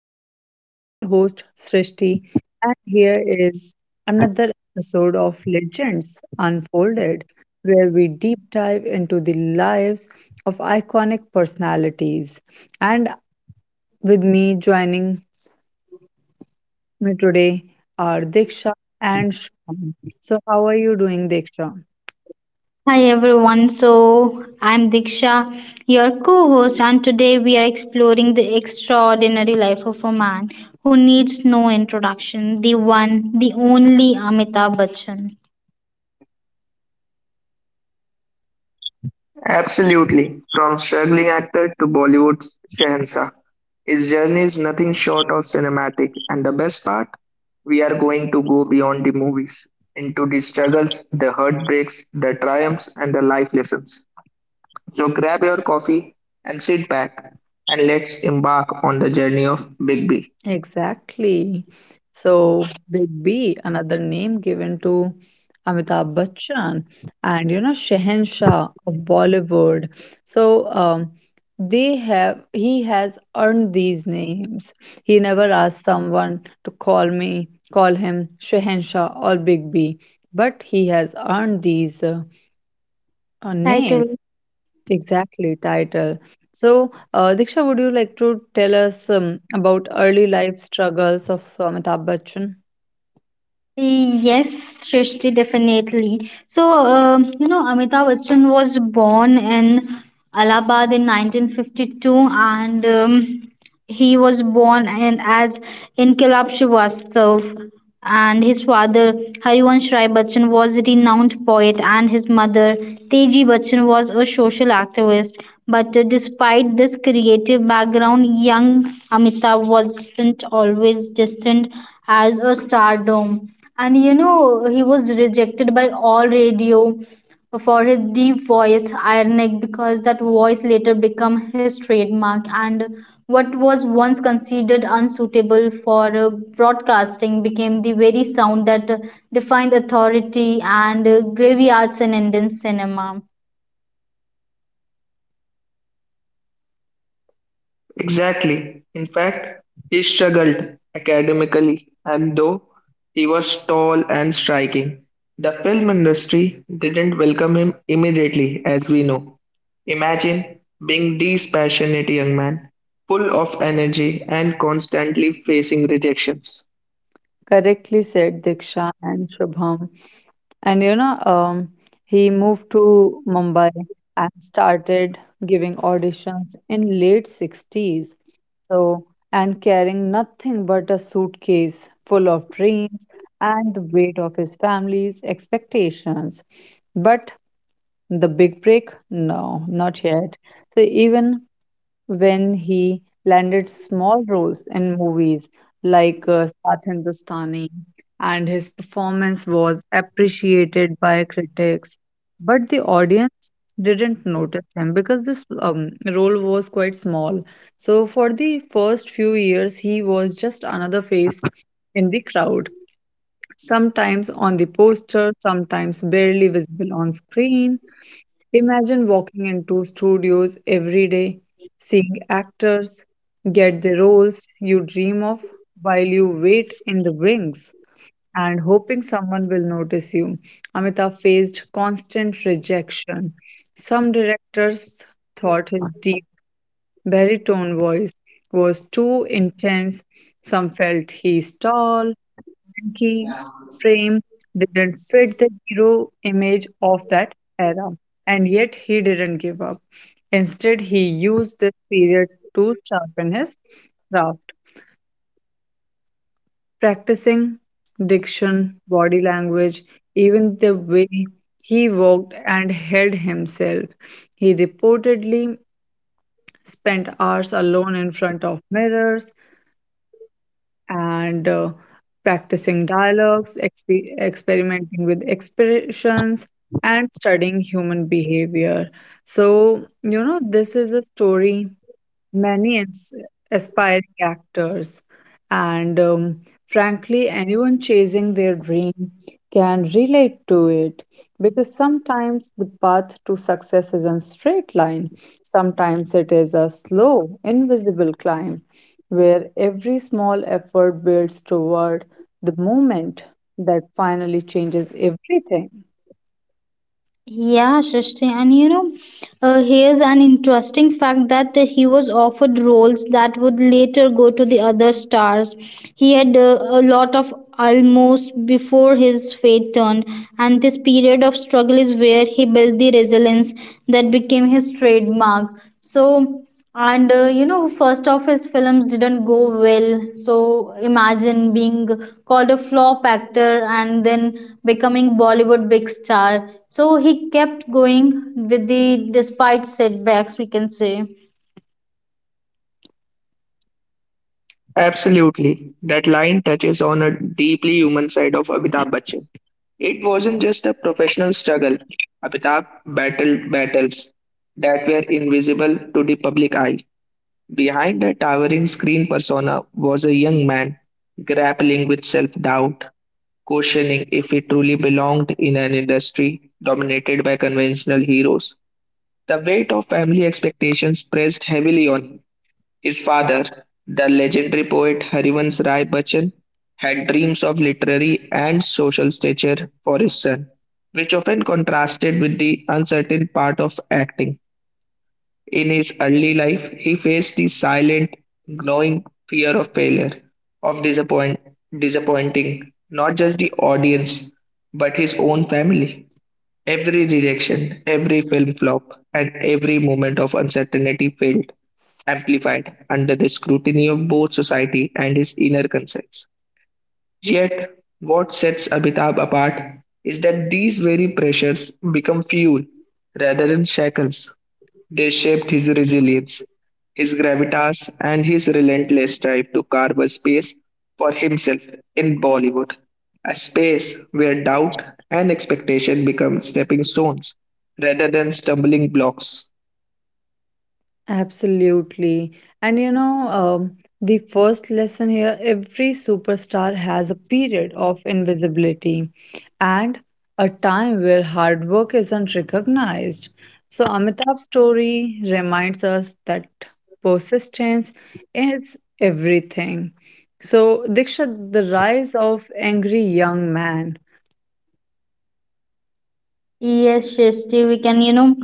Podcast. I'm your host, Srishti, and here is another episode of Legends Unfolded, where we deep dive into the lives of iconic personalities. And with me, joining me today are Diksha and Shyam. So, how are you doing, Diksha? Hi everyone, so I'm Diksha, your co host, and today we are exploring the extraordinary life of a man who needs no introduction, the one, the only Amitabh Bachchan. Absolutely. From struggling actor to Bollywood's Shehensa, his journey is nothing short of cinematic. And the best part, we are going to go beyond the movies into the struggles, the heartbreaks, the triumphs, and the life lessons. So grab your coffee and sit back and let's embark on the journey of Big B. Exactly. So, Big B, another name given to Amitabh Bachchan, and you know, Shehenshah of Bollywood. So, um, they have He has earned these names. He never asked someone to call him Shehenshah or Big B, but he has earned these names. Title. Exactly, title. So, Diksha, would you like to tell us about early life struggles of Amitabh Bachchan? Yes, Srishti, definitely. So, you know, Amitabh Bachchan was born in Allahabad in 1952, and he was born in, as Inkilab Srivastav. And his father, Harivansh Rai Bachchan, was a renowned poet, and his mother, Teji Bachchan, was a social activist. But despite this creative background, young Amitabh wasn't always destined as a stardom, and you know, he was rejected by all radio for his deep voice, ironic because that voice later became his trademark. And what was once considered unsuitable for broadcasting became the very sound that defined authority and graveyards in Indian cinema. Exactly. In fact, he struggled academically, and though he was tall and striking, the film industry didn't welcome him immediately, as we know. Imagine being this passionate young man, full of energy and constantly facing rejections. Correctly said, Diksha and Shubham. And you know, he moved to Mumbai and started giving auditions in late 60s. So, and carrying nothing but a suitcase full of dreams and the weight of his family's expectations. But the big break? No, not yet. So even when he landed small roles in movies like Saath Hindustani, and his performance was appreciated by critics, but the audience didn't notice him because this role was quite small. So for the first few years, he was just another face in the crowd. Sometimes on the poster, sometimes barely visible on screen. Imagine walking into studios every day, seeing actors get the roles you dream of while you wait in the wings and hoping someone will notice you. Amitabh faced constant rejection. Some directors thought his deep, baritone voice was too intense, some felt he's tall, key frame didn't fit the hero image of that era. And yet he didn't give up. Instead, he used this period to sharpen his craft, practicing diction, body language, even the way he walked and held himself. He reportedly spent hours alone in front of mirrors, and practicing dialogues, experimenting with expressions, and studying human behavior. So, you know, this is a story many ins- aspiring actors. And Frankly, anyone chasing their dream can relate to it because sometimes the path to success isn't straight line. Sometimes it is a slow, invisible climb where every small effort builds toward the moment that finally changes everything. Yeah, Srishti, and you know, here's an interesting fact that he was offered roles that would later go to the other stars. He had a lot of almost before his fate turned, and this period of struggle is where he built the resilience that became his trademark. So, and you know, first of his films didn't go well, so imagine being called a flop actor and then becoming bollywood big star, so he kept going with the, despite setbacks, we can say. Absolutely, that line touches on a deeply human side of Amitabh Bachchan. It wasn't just a professional struggle. Amitabh battled battles that were invisible to the public eye. Behind the towering screen persona was a young man grappling with self doubt, questioning if he truly belonged in an industry dominated by conventional heroes. The weight of family expectations pressed heavily on him, his father, the legendary poet Harivansh Rai Bachchan, had dreams of literary and social stature for his son, which often contrasted with the uncertain part of acting. In his early life, he faced the silent, gnawing fear of failure, of disappointing not just the audience, but his own family. Every rejection, every film flop, and every moment of uncertainty failed, amplified under the scrutiny of both society and his inner concerns. Yet, what sets Abhitabh apart is that these very pressures become fuel rather than shackles. They shaped his resilience, his gravitas, and his relentless drive to carve a space for himself in Bollywood, a space where doubt and expectation become stepping stones rather than stumbling blocks. Absolutely. And you know, the first lesson here every superstar has a period of invisibility and a time where hard work isn't recognized. So, Amitabh's story reminds us that persistence is everything. So, Diksha, the rise of angry young man. Yes, Shristi, we can, you know,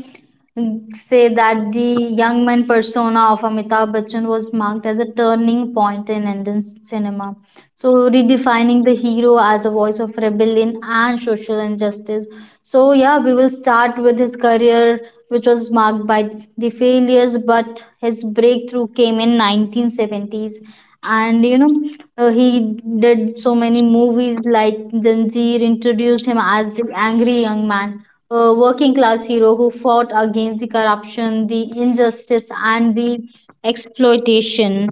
say that the young man persona of Amitabh Bachchan was marked as a turning point in Indian cinema. So, redefining the hero as a voice of rebellion and social injustice. So, yeah, we will start with his career, which was marked by the failures, but his breakthrough came in 1970s. And, you know, he did so many movies like Zanjeer introduced him as the angry young man, a working class hero who fought against the corruption, the injustice, and the exploitation.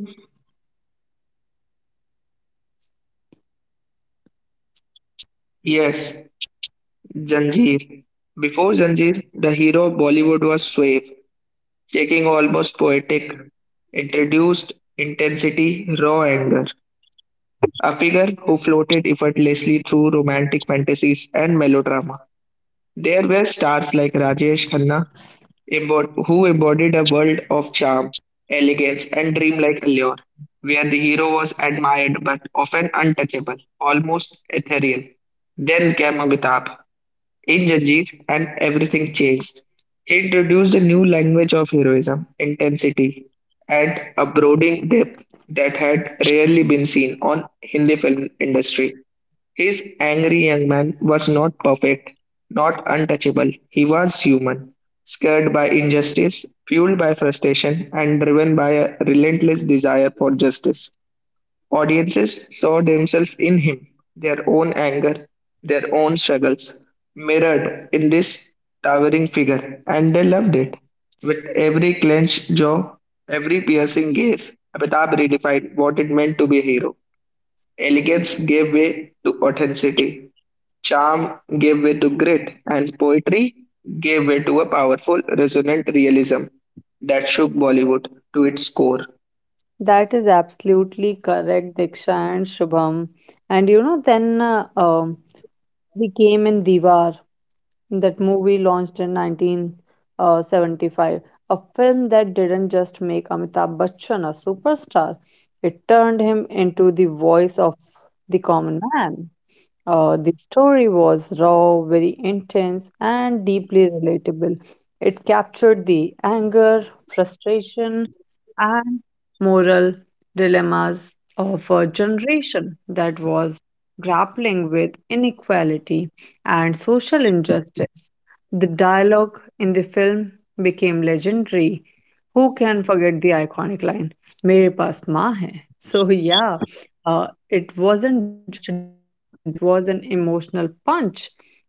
Yes, Zanjeer. Before Zanjeer, the hero of Bollywood was suave, taking almost poetic, introduced intensity, raw anger, a figure who floated effortlessly through romantic fantasies and melodrama. There were stars like Rajesh Khanna, who embodied a world of charm, elegance, and dreamlike allure, where the hero was admired but often untouchable, almost ethereal. Then came Amitabh in Janjeer, and everything changed. He introduced a new language of heroism, intensity, and a brooding depth that had rarely been seen on Hindi film industry. His angry young man was not perfect, not untouchable. He was human, scared by injustice, fueled by frustration, and driven by a relentless desire for justice. Audiences saw themselves in him, their own anger, their own struggles, mirrored in this towering figure, and they loved it. With every clenched jaw, every piercing gaze, Amitabh redefined what it meant to be a hero. Elegance gave way to authenticity, charm gave way to grit, and poetry gave way to a powerful, resonant realism that shook Bollywood to its core. That is absolutely correct, Diksha and Shubham. And you know, then we came in Diwar, that movie launched in 1975, a film that didn't just make Amitabh Bachchan a superstar, it turned him into the voice of the common man. The story was raw, very intense, and deeply relatable. It captured the anger, frustration, and moral dilemmas of a generation that was grappling with inequality and social injustice. The dialogue in the film became legendary. Who can forget the iconic line, Mere paas maa hai? So, yeah, uh, it wasn't just dialogue, it was an emotional punch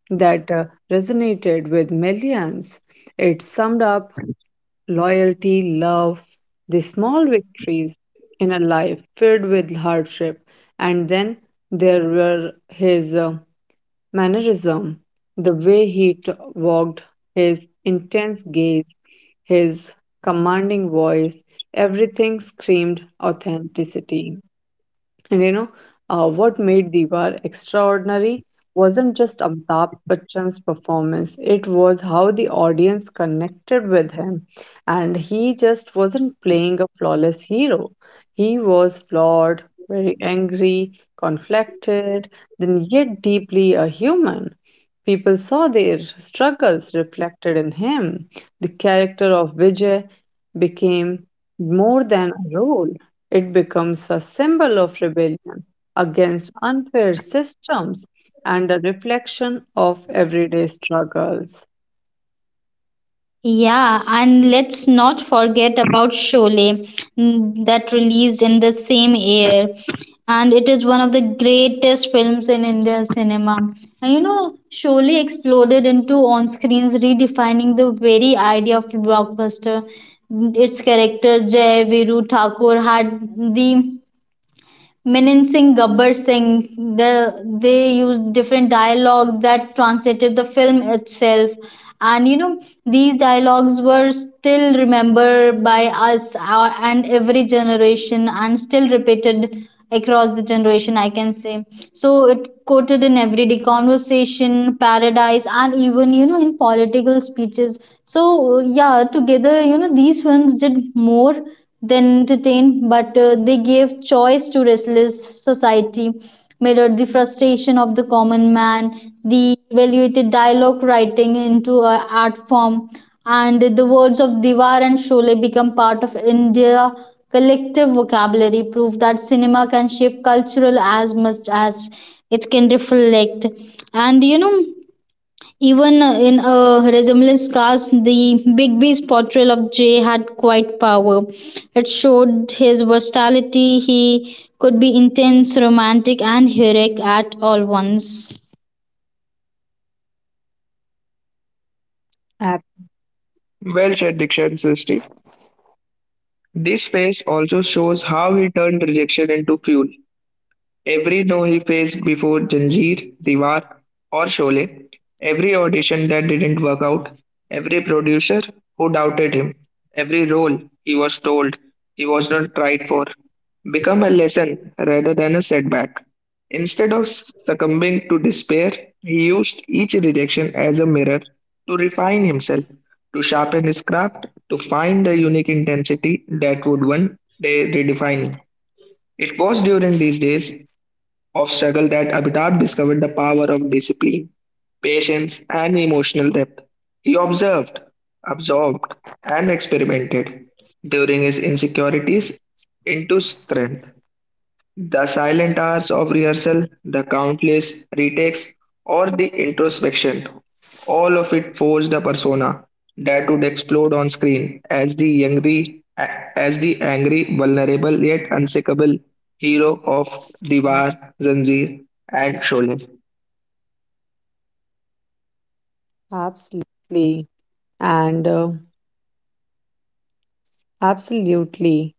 that resonated with millions. It summed up loyalty, love, the small victories in a life filled with hardship. And then there were his mannerism, the way walked, his intense gaze, his commanding voice, everything screamed authenticity. And you know, what made Diwar extraordinary wasn't just Amitabh Bachchan's performance, it was how the audience connected with him. And he just wasn't playing a flawless hero. He was flawed, very angry, conflicted, then yet deeply a human. People saw their struggles reflected in him. The character of Vijay became more than a role. It becomes a symbol of rebellion against unfair systems and a reflection of everyday struggles. Yeah, and let's not forget about Sholay, that released in the same year. And it is one of the greatest films in Indian cinema. And you know, Sholay exploded into on screens, redefining the very idea of blockbuster. Its characters, Jay Viru Thakur, had the Minan Singh, Gabbar Singh, they used different dialogues that translated the film itself. And you know, these dialogues were still remembered by us and every generation and still repeated across the generation, I can say. So it quoted in everyday conversation, paradise, and even, you know, in political speeches. So, yeah, together, you know, these films did more than entertain, but they gave choice to restless society, mirrored the frustration of the common man, they evaluated dialogue writing into an art form, and the words of Diwar and Sholay become part of India collective vocabulary, proof that cinema can shape cultural as much as it can reflect. And you know, even in a resemblance cast, the Bigby's portrayal of Jay had quite power. It showed his versatility. He could be intense, romantic, and heroic at all once. Well said, Dikshan Srishti. This phase also shows how he turned rejection into fuel. Every no he faced before Zanjeer, Diwar, or Sholay, every audition that didn't work out, every producer who doubted him, every role he was told he was not right for, become a lesson rather than a setback. Instead of succumbing to despair, he used each rejection as a mirror to refine himself, to sharpen his craft, to find a unique intensity that would one day redefine him. It was during these days of struggle that Amitabh discovered the power of discipline, patience, and emotional depth. He observed, absorbed, and experimented during his insecurities into strength. The silent hours of rehearsal, the countless retakes, or the introspection, all of it forged a persona that would explode on screen as the angry, vulnerable yet unsinkable hero of Diwar, Zanjeer, and Sholay. Absolutely.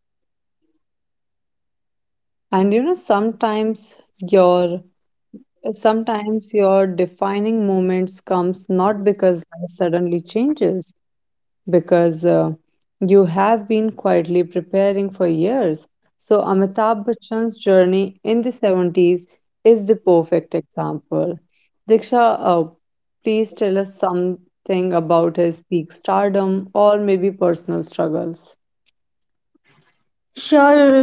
And you know, sometimes your defining moments comes not because life suddenly changes, because you have been quietly preparing for years. So Amitabh Bachchan's journey in the 70s is the perfect example. Diksha, please tell us something about his peak stardom or maybe personal struggles. Sure,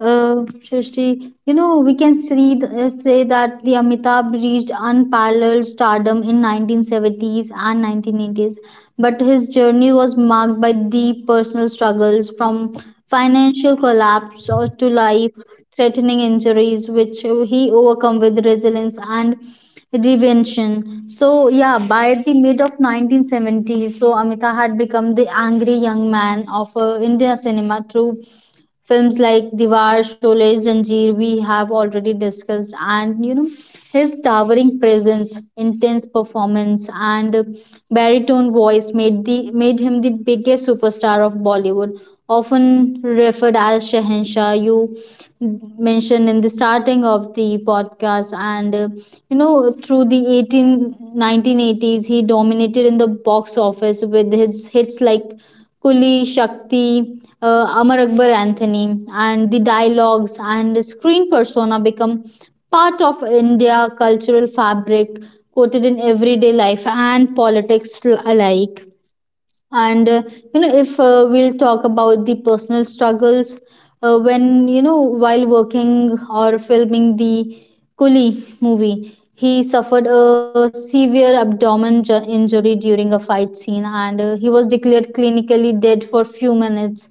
Srishti. You know, we can see, say that the Amitabh reached unparalleled stardom in 1970s and 1980s, but his journey was marked by deep personal struggles, from financial collapse or to life-threatening injuries, which he overcome with resilience and reinvention. So, yeah, by the mid of 1970s, so Amita had become the angry young man of India cinema through films like Diwar, Sholay, Zanjeer, we have already discussed. And you know, his towering presence, intense performance and baritone voice made him the biggest superstar of Bollywood, often referred as *Shahenshah*, you mentioned in the starting of the podcast. And you know, through the eighteen nineteen eighties he dominated in the box office with his hits like Kuli, Shakti, Amar Akbar Anthony, and the dialogues and screen persona become part of India cultural fabric, quoted in everyday life and politics alike. And you know, if we'll talk about the personal struggles, when you know, while working or filming the Coolie movie, he suffered a severe abdomen injury during a fight scene, and he was declared clinically dead for few minutes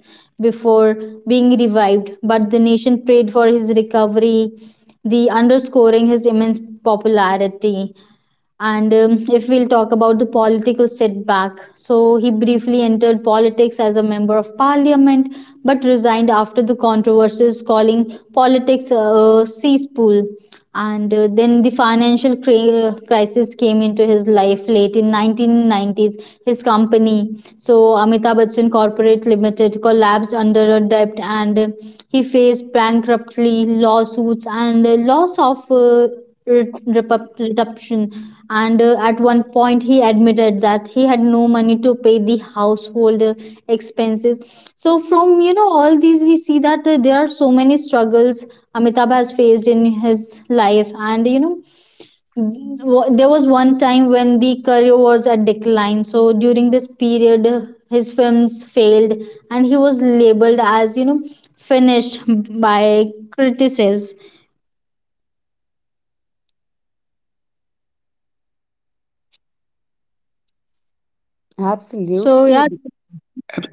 before being revived, but the nation prayed for his recovery, the underscoring his immense popularity. And if we'll talk about the political setback, so he briefly entered politics as a member of parliament, but resigned after the controversies, calling politics a cesspool. And then the financial crisis came into his life late in 1990s. His company, so Amitabh Bachchan Corporate Limited, collapsed under a debt, and he faced bankruptcy, lawsuits, and loss of reduction. And at one point he admitted that he had no money to pay the household expenses. So from, you know, all these we see that there are so many struggles amitabh has faced in his life. And you know, there was one time when the career was at decline, so during this period his films failed and he was labeled as, you know, finished by critics. So Absolutely. yeah.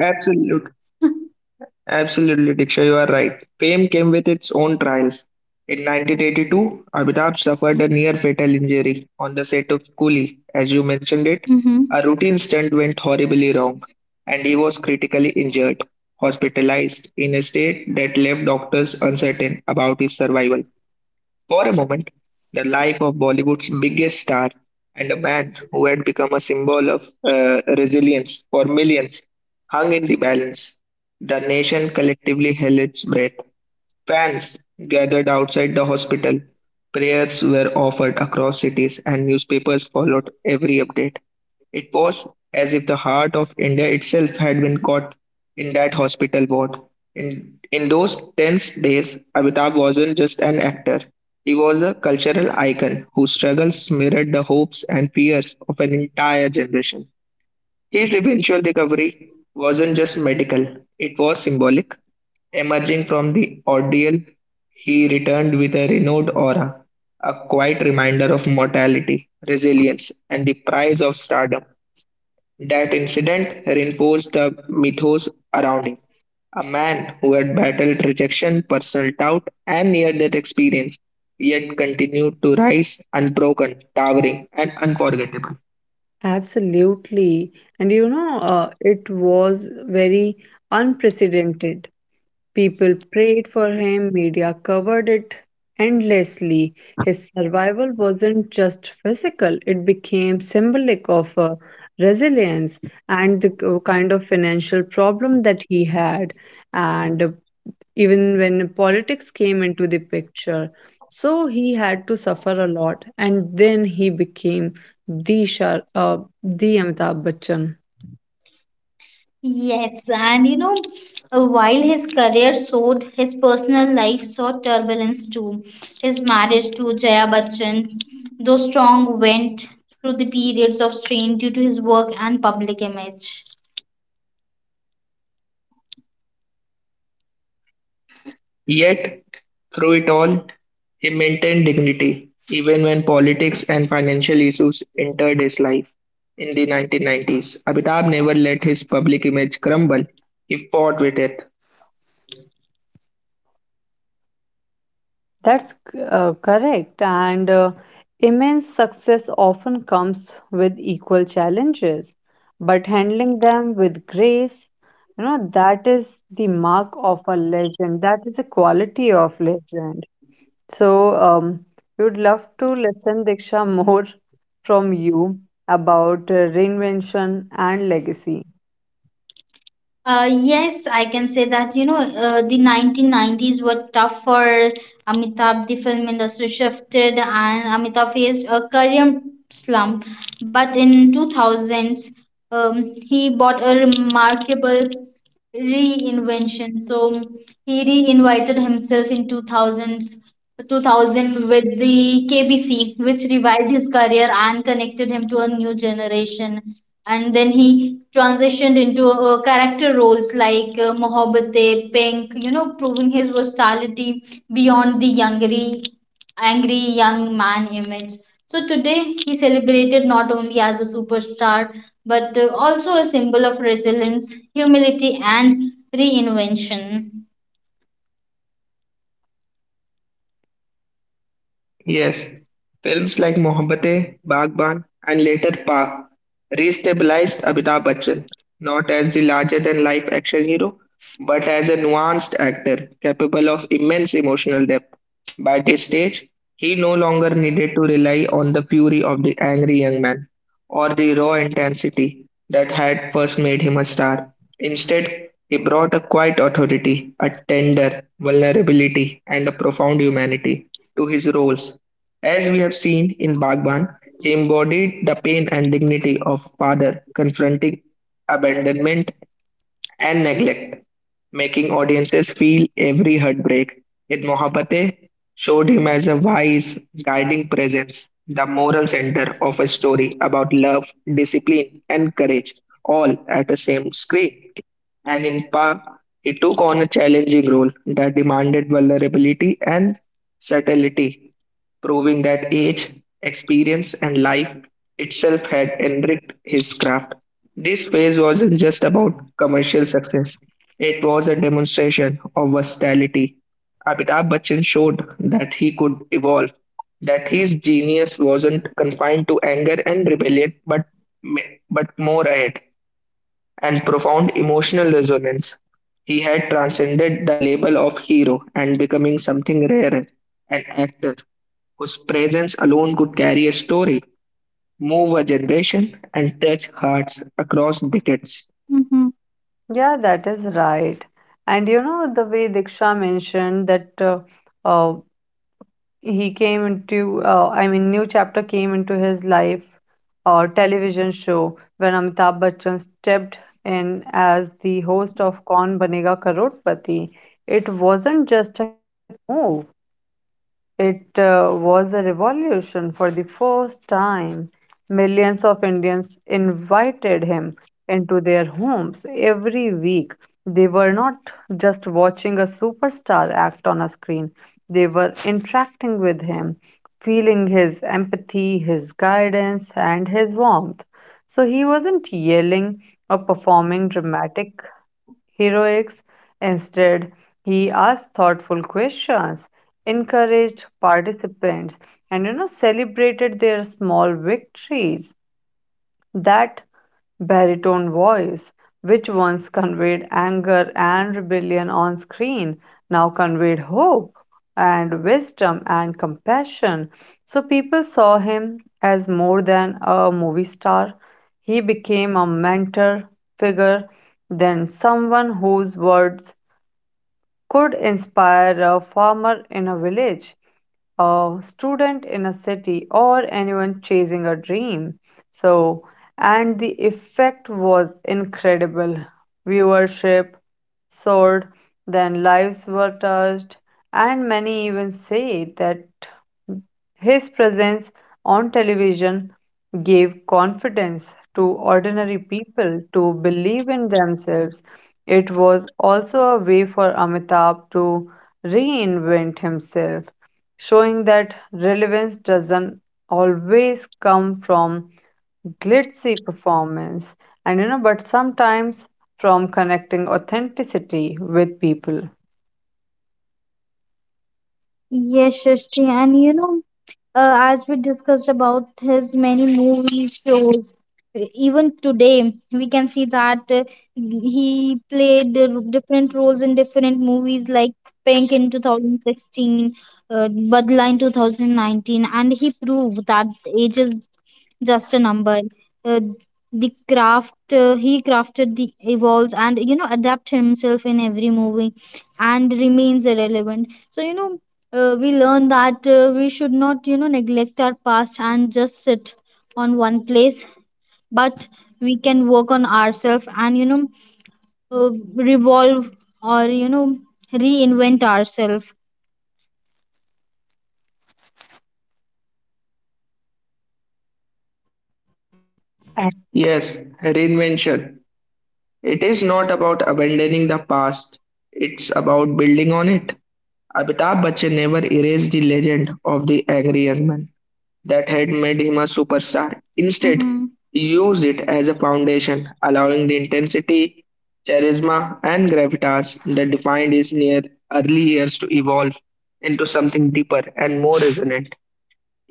Absolutely, Absolutely, Diksha, you are right. Fame came with its own trials. In 1982, Amitabh suffered a near fatal injury on the set of Coolie. As you mentioned it, a Hmm. routine stunt went horribly wrong, and he was critically injured, hospitalized in a state that left doctors uncertain about his survival. For a moment, the life of Bollywood's biggest star and a man who had become a symbol of resilience for millions hung in the balance. The nation collectively held its breath. Fans gathered outside the hospital, prayers were offered across cities, and newspapers followed every update. It was as if the heart of India itself had been caught in that hospital ward. In those tense days, Amitabh wasn't just an actor. He was a cultural icon whose struggles mirrored the hopes and fears of an entire generation. His eventual recovery wasn't just medical, it was symbolic. Emerging from the ordeal, he returned with a renewed aura, a quiet reminder of mortality, resilience, and the price of stardom. That incident reinforced the mythos around him. A man who had battled rejection, personal doubt, and near death experience, yet continued to rise unbroken, towering, and unforgettable. Absolutely. And you know, it was very unprecedented. People prayed for him, media covered it endlessly. His survival wasn't just physical, it became symbolic of resilience and the kind of financial problem that he had. And even when politics came into the picture. So he had to suffer a lot, and then he became the Shah, the Amitabh Bachchan. Yes, and you know, while his career soared, his personal life saw turbulence too. His marriage to Jaya Bachchan, though strong, went through the periods of strain due to his work and public image. Yet, through it all, he maintained dignity, even when politics and financial issues entered his life. In the 1990s, Amitabh never let his public image crumble. He fought with it. That's correct. And Immense success often comes with equal challenges, but handling them with grace, you know, that is the mark of a legend. That is a quality of legend. So, we would love to listen, Diksha, more from you about reinvention and legacy. You can say that, you know, the 1990s Italian slum, but in 2000s, he bought a remarkable reinvention. So he reinvited himself in 2000s, 2000 with the KBC, which revived his career and connected him to a new generation. And then he transitioned into character roles like Mohabbatein, Pink, you know, proving his versatility beyond the younger angry young man image. So today he celebrated not only as a superstar, but also a symbol of resilience, humility, and reinvention. Yes, films like Mohabbatein, Bagban, and later Pa restabilized Amitabh Bachchan not as the larger-than-life action hero, but as a nuanced actor capable of immense emotional depth. By this stage, he no longer needed to rely on the fury of the angry young man or the raw intensity that had first made him a star. Instead, he brought a quiet authority, a tender vulnerability, and a profound humanity to his roles. As we have seen in Bhagwan, he embodied the pain and dignity of a father confronting abandonment and neglect, making audiences feel every heartbreak. In Mohabbate, showed him as a wise, guiding presence, the moral center of a story about love, discipline, and courage, all at the same screen, and in Pa, he took on a challenging role that demanded vulnerability and subtlety, proving that age, experience, and life itself had enriched his craft. This phase wasn't just about commercial success, it was a demonstration of versatility. Amitabh Bachchan showed that he could evolve, that his genius wasn't confined to anger and rebellion, but more ahead and profound emotional resonance. He had transcended the label of hero and becoming something rarer, an actor whose presence alone could carry a story, move a generation, and touch hearts across decades. Mm-hmm. Yeah, that is right. And you know, the way Diksha mentioned that uh, he came into, I mean, new chapter came into his life television show when Amitabh Bachchan stepped in as the host of Kaun Banega Karotpati. It wasn't just a move, it was a revolution. For the first time, millions of Indians invited him into their homes every week. They were not just watching superstar act on a screen, they were interacting with him, feeling his empathy, his guidance, and his warmth. So he wasn't yelling or performing dramatic heroics. Instead, he asked thoughtful questions, encouraged participants, and you know, celebrated their small victories. That baritone voice, which once conveyed anger and rebellion on screen, now conveyed hope and wisdom and compassion. So people saw him as more than a movie star. He became a mentor figure, then someone whose words could inspire a farmer in a village, a student in a city, or anyone chasing a dream. So, and the effect was incredible. Viewership soared, then lives were touched, and many even say that his presence on television gave confidence to ordinary people to believe in themselves. It was also a way for Amitabh to reinvent himself, showing that relevance doesn't always come from glitzy performance, and you know, but sometimes from connecting authenticity with people. Yes, Shristi, and you know, as we discussed about his many movie shows, even today we can see that he played different roles in different movies like pink in 2016, uh, badla in 2019, and he proved that age is just a number. uh, the craft, he crafted the evolves, and you know, adapt himself in every movie and remains irrelevant. So you know, we learn that we should not, you know, neglect our past and just sit on one place, but we can work on ourselves, and you know, uh, revolve, or you know, reinvent ourselves. Yes, reinvention. It is not about abandoning the past, it's about building on it. Amitabh Bachchan never erased the legend of the angry young man that had made him a Mm-hmm. superstar. Instead, he used it as a foundation, allowing the intensity, charisma, and gravitas that defined his near early years to evolve into something deeper and more resonant.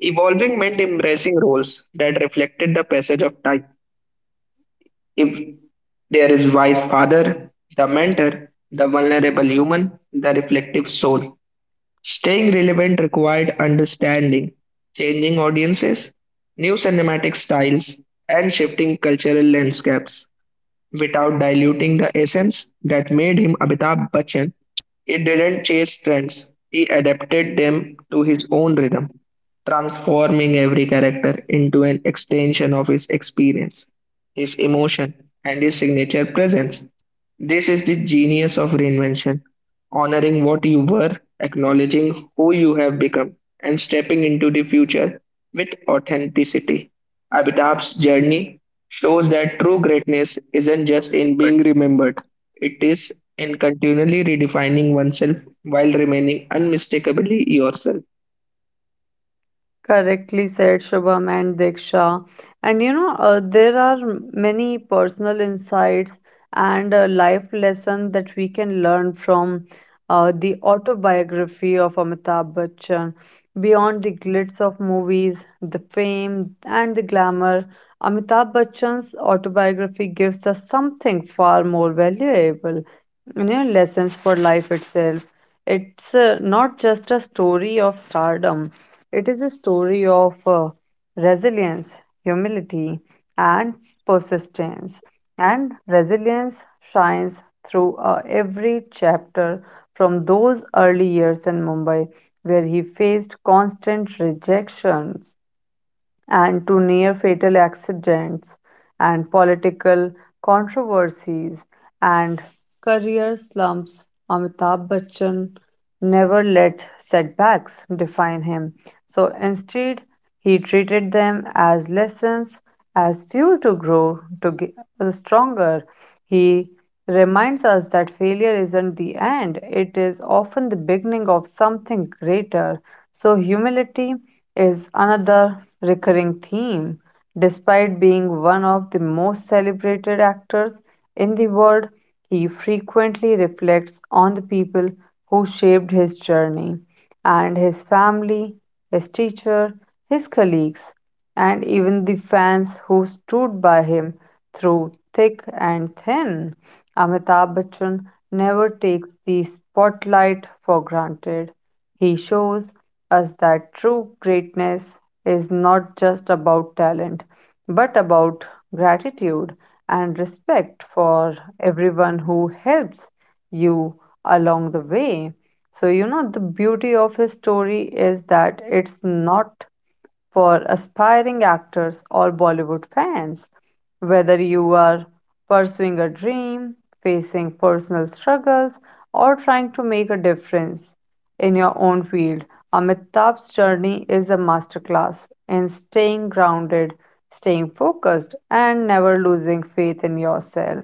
Evolving meant embracing roles that reflected the passage of time. If there is wise father, the mentor, the vulnerable human, the reflective soul. Staying relevant required understanding changing audiences, new cinematic styles, and shifting cultural landscapes without diluting the essence that made him Amitabh Bachchan. He didn't chase trends, he adapted them to his own rhythm, transforming every character into an extension of his experience, his emotion, and his signature presence. This is the genius of reinvention, honoring what you were, acknowledging who you have become, and stepping into the future with authenticity. Amitabh's journey shows that true greatness isn't just in being remembered, it is in continually redefining oneself while remaining unmistakably yourself. Correctly said, Shubham and Diksha. And you know, there are many personal insights and life lessons that we can learn from the autobiography of Amitabh Bachchan. Beyond the glitz of movies, the fame, and the glamour, Amitabh Bachchan's autobiography gives us something far more valuable, you know, lessons for life itself. It's not just a story of stardom, it is a story of resilience, humility, and persistence. And resilience shines through every chapter from those early years in Mumbai where he faced constant rejections and to near fatal accidents and political controversies and career slumps, Amitabh Bachchan never let setbacks define him. So instead, he treated them as lessons, as fuel to grow, to get stronger. He reminds us that failure isn't the end, it is often the beginning of something greater. So, humility is another recurring theme. Despite being one of the most celebrated actors in the world, he frequently reflects on the people who shaped his journey and his family, his teacher, his colleagues, and even the fans who stood by him through thick and thin. Amitabh Bachchan never takes the spotlight for granted. He shows us that true greatness is not just about talent, but about gratitude and respect for everyone who helps you along the way. So, you know, the beauty of his story is that it's not for aspiring actors or Bollywood fans. Whether you are pursuing a dream, facing personal struggles, or trying to make a difference in your own field, Amitabh's journey is a masterclass in staying grounded, staying focused, and never losing faith in yourself.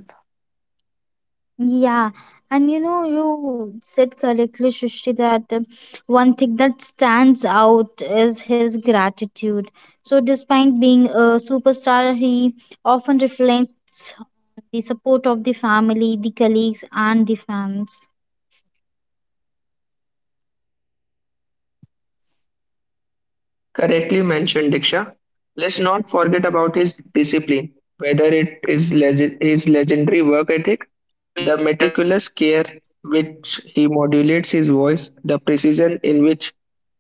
Yeah, and you know, you said correctly, Shushti, that one thing that stands out is his gratitude. So despite being a superstar, he often reflects the support of the family, the colleagues, and the fans. Correctly mentioned, Diksha. Let's not forget about his discipline, whether it is his legendary work ethic, the meticulous care which he modulates his voice, the precision in which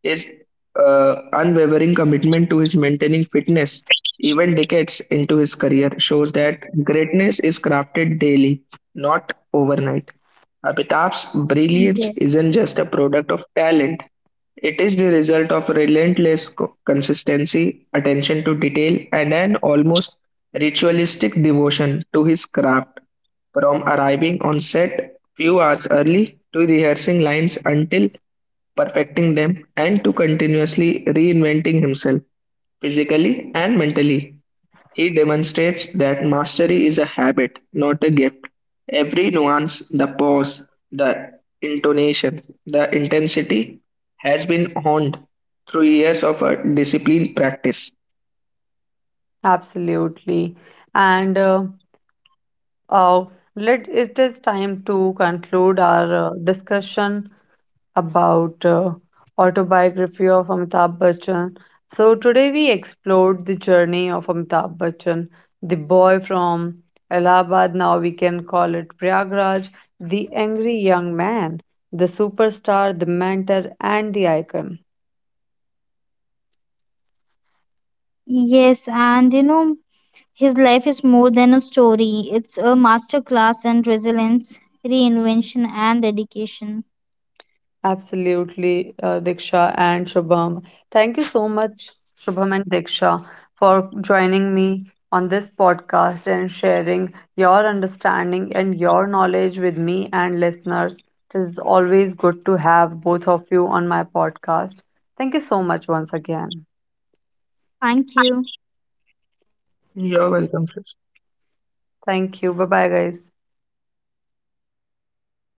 his unwavering commitment to his maintaining fitness, even decades into his career, shows that greatness is crafted daily, not overnight. Yes. Amitabh's brilliance isn't just a product of talent, it is the result of relentless consistency, attention to detail, and an almost ritualistic devotion to his craft. From arriving on set few hours early to rehearsing lines until perfecting them and to continuously reinventing himself physically and mentally. He demonstrates that mastery is a habit, not a gift. Every nuance, the pause, the intonation, the intensity has been honed through years of a disciplined practice. Absolutely. And uh, uh, it is time to conclude our discussion about autobiography of Amitabh Bachchan. So today we explored the journey of Amitabh Bachchan, the boy from Allahabad, now we can call it Prayagraj, the angry young man, the superstar, the mentor, and the icon. Yes, and you know, his life is more than a story. It's a masterclass in resilience, reinvention, and dedication. Absolutely, Diksha and Shubham. Thank you so much, Shubham and Diksha, for joining me on this podcast and sharing your understanding and your knowledge with me and listeners. It is always good to have both of you on my podcast. Thank you so much once again. Thank you. You're welcome, sir. Thank you. Bye bye, guys.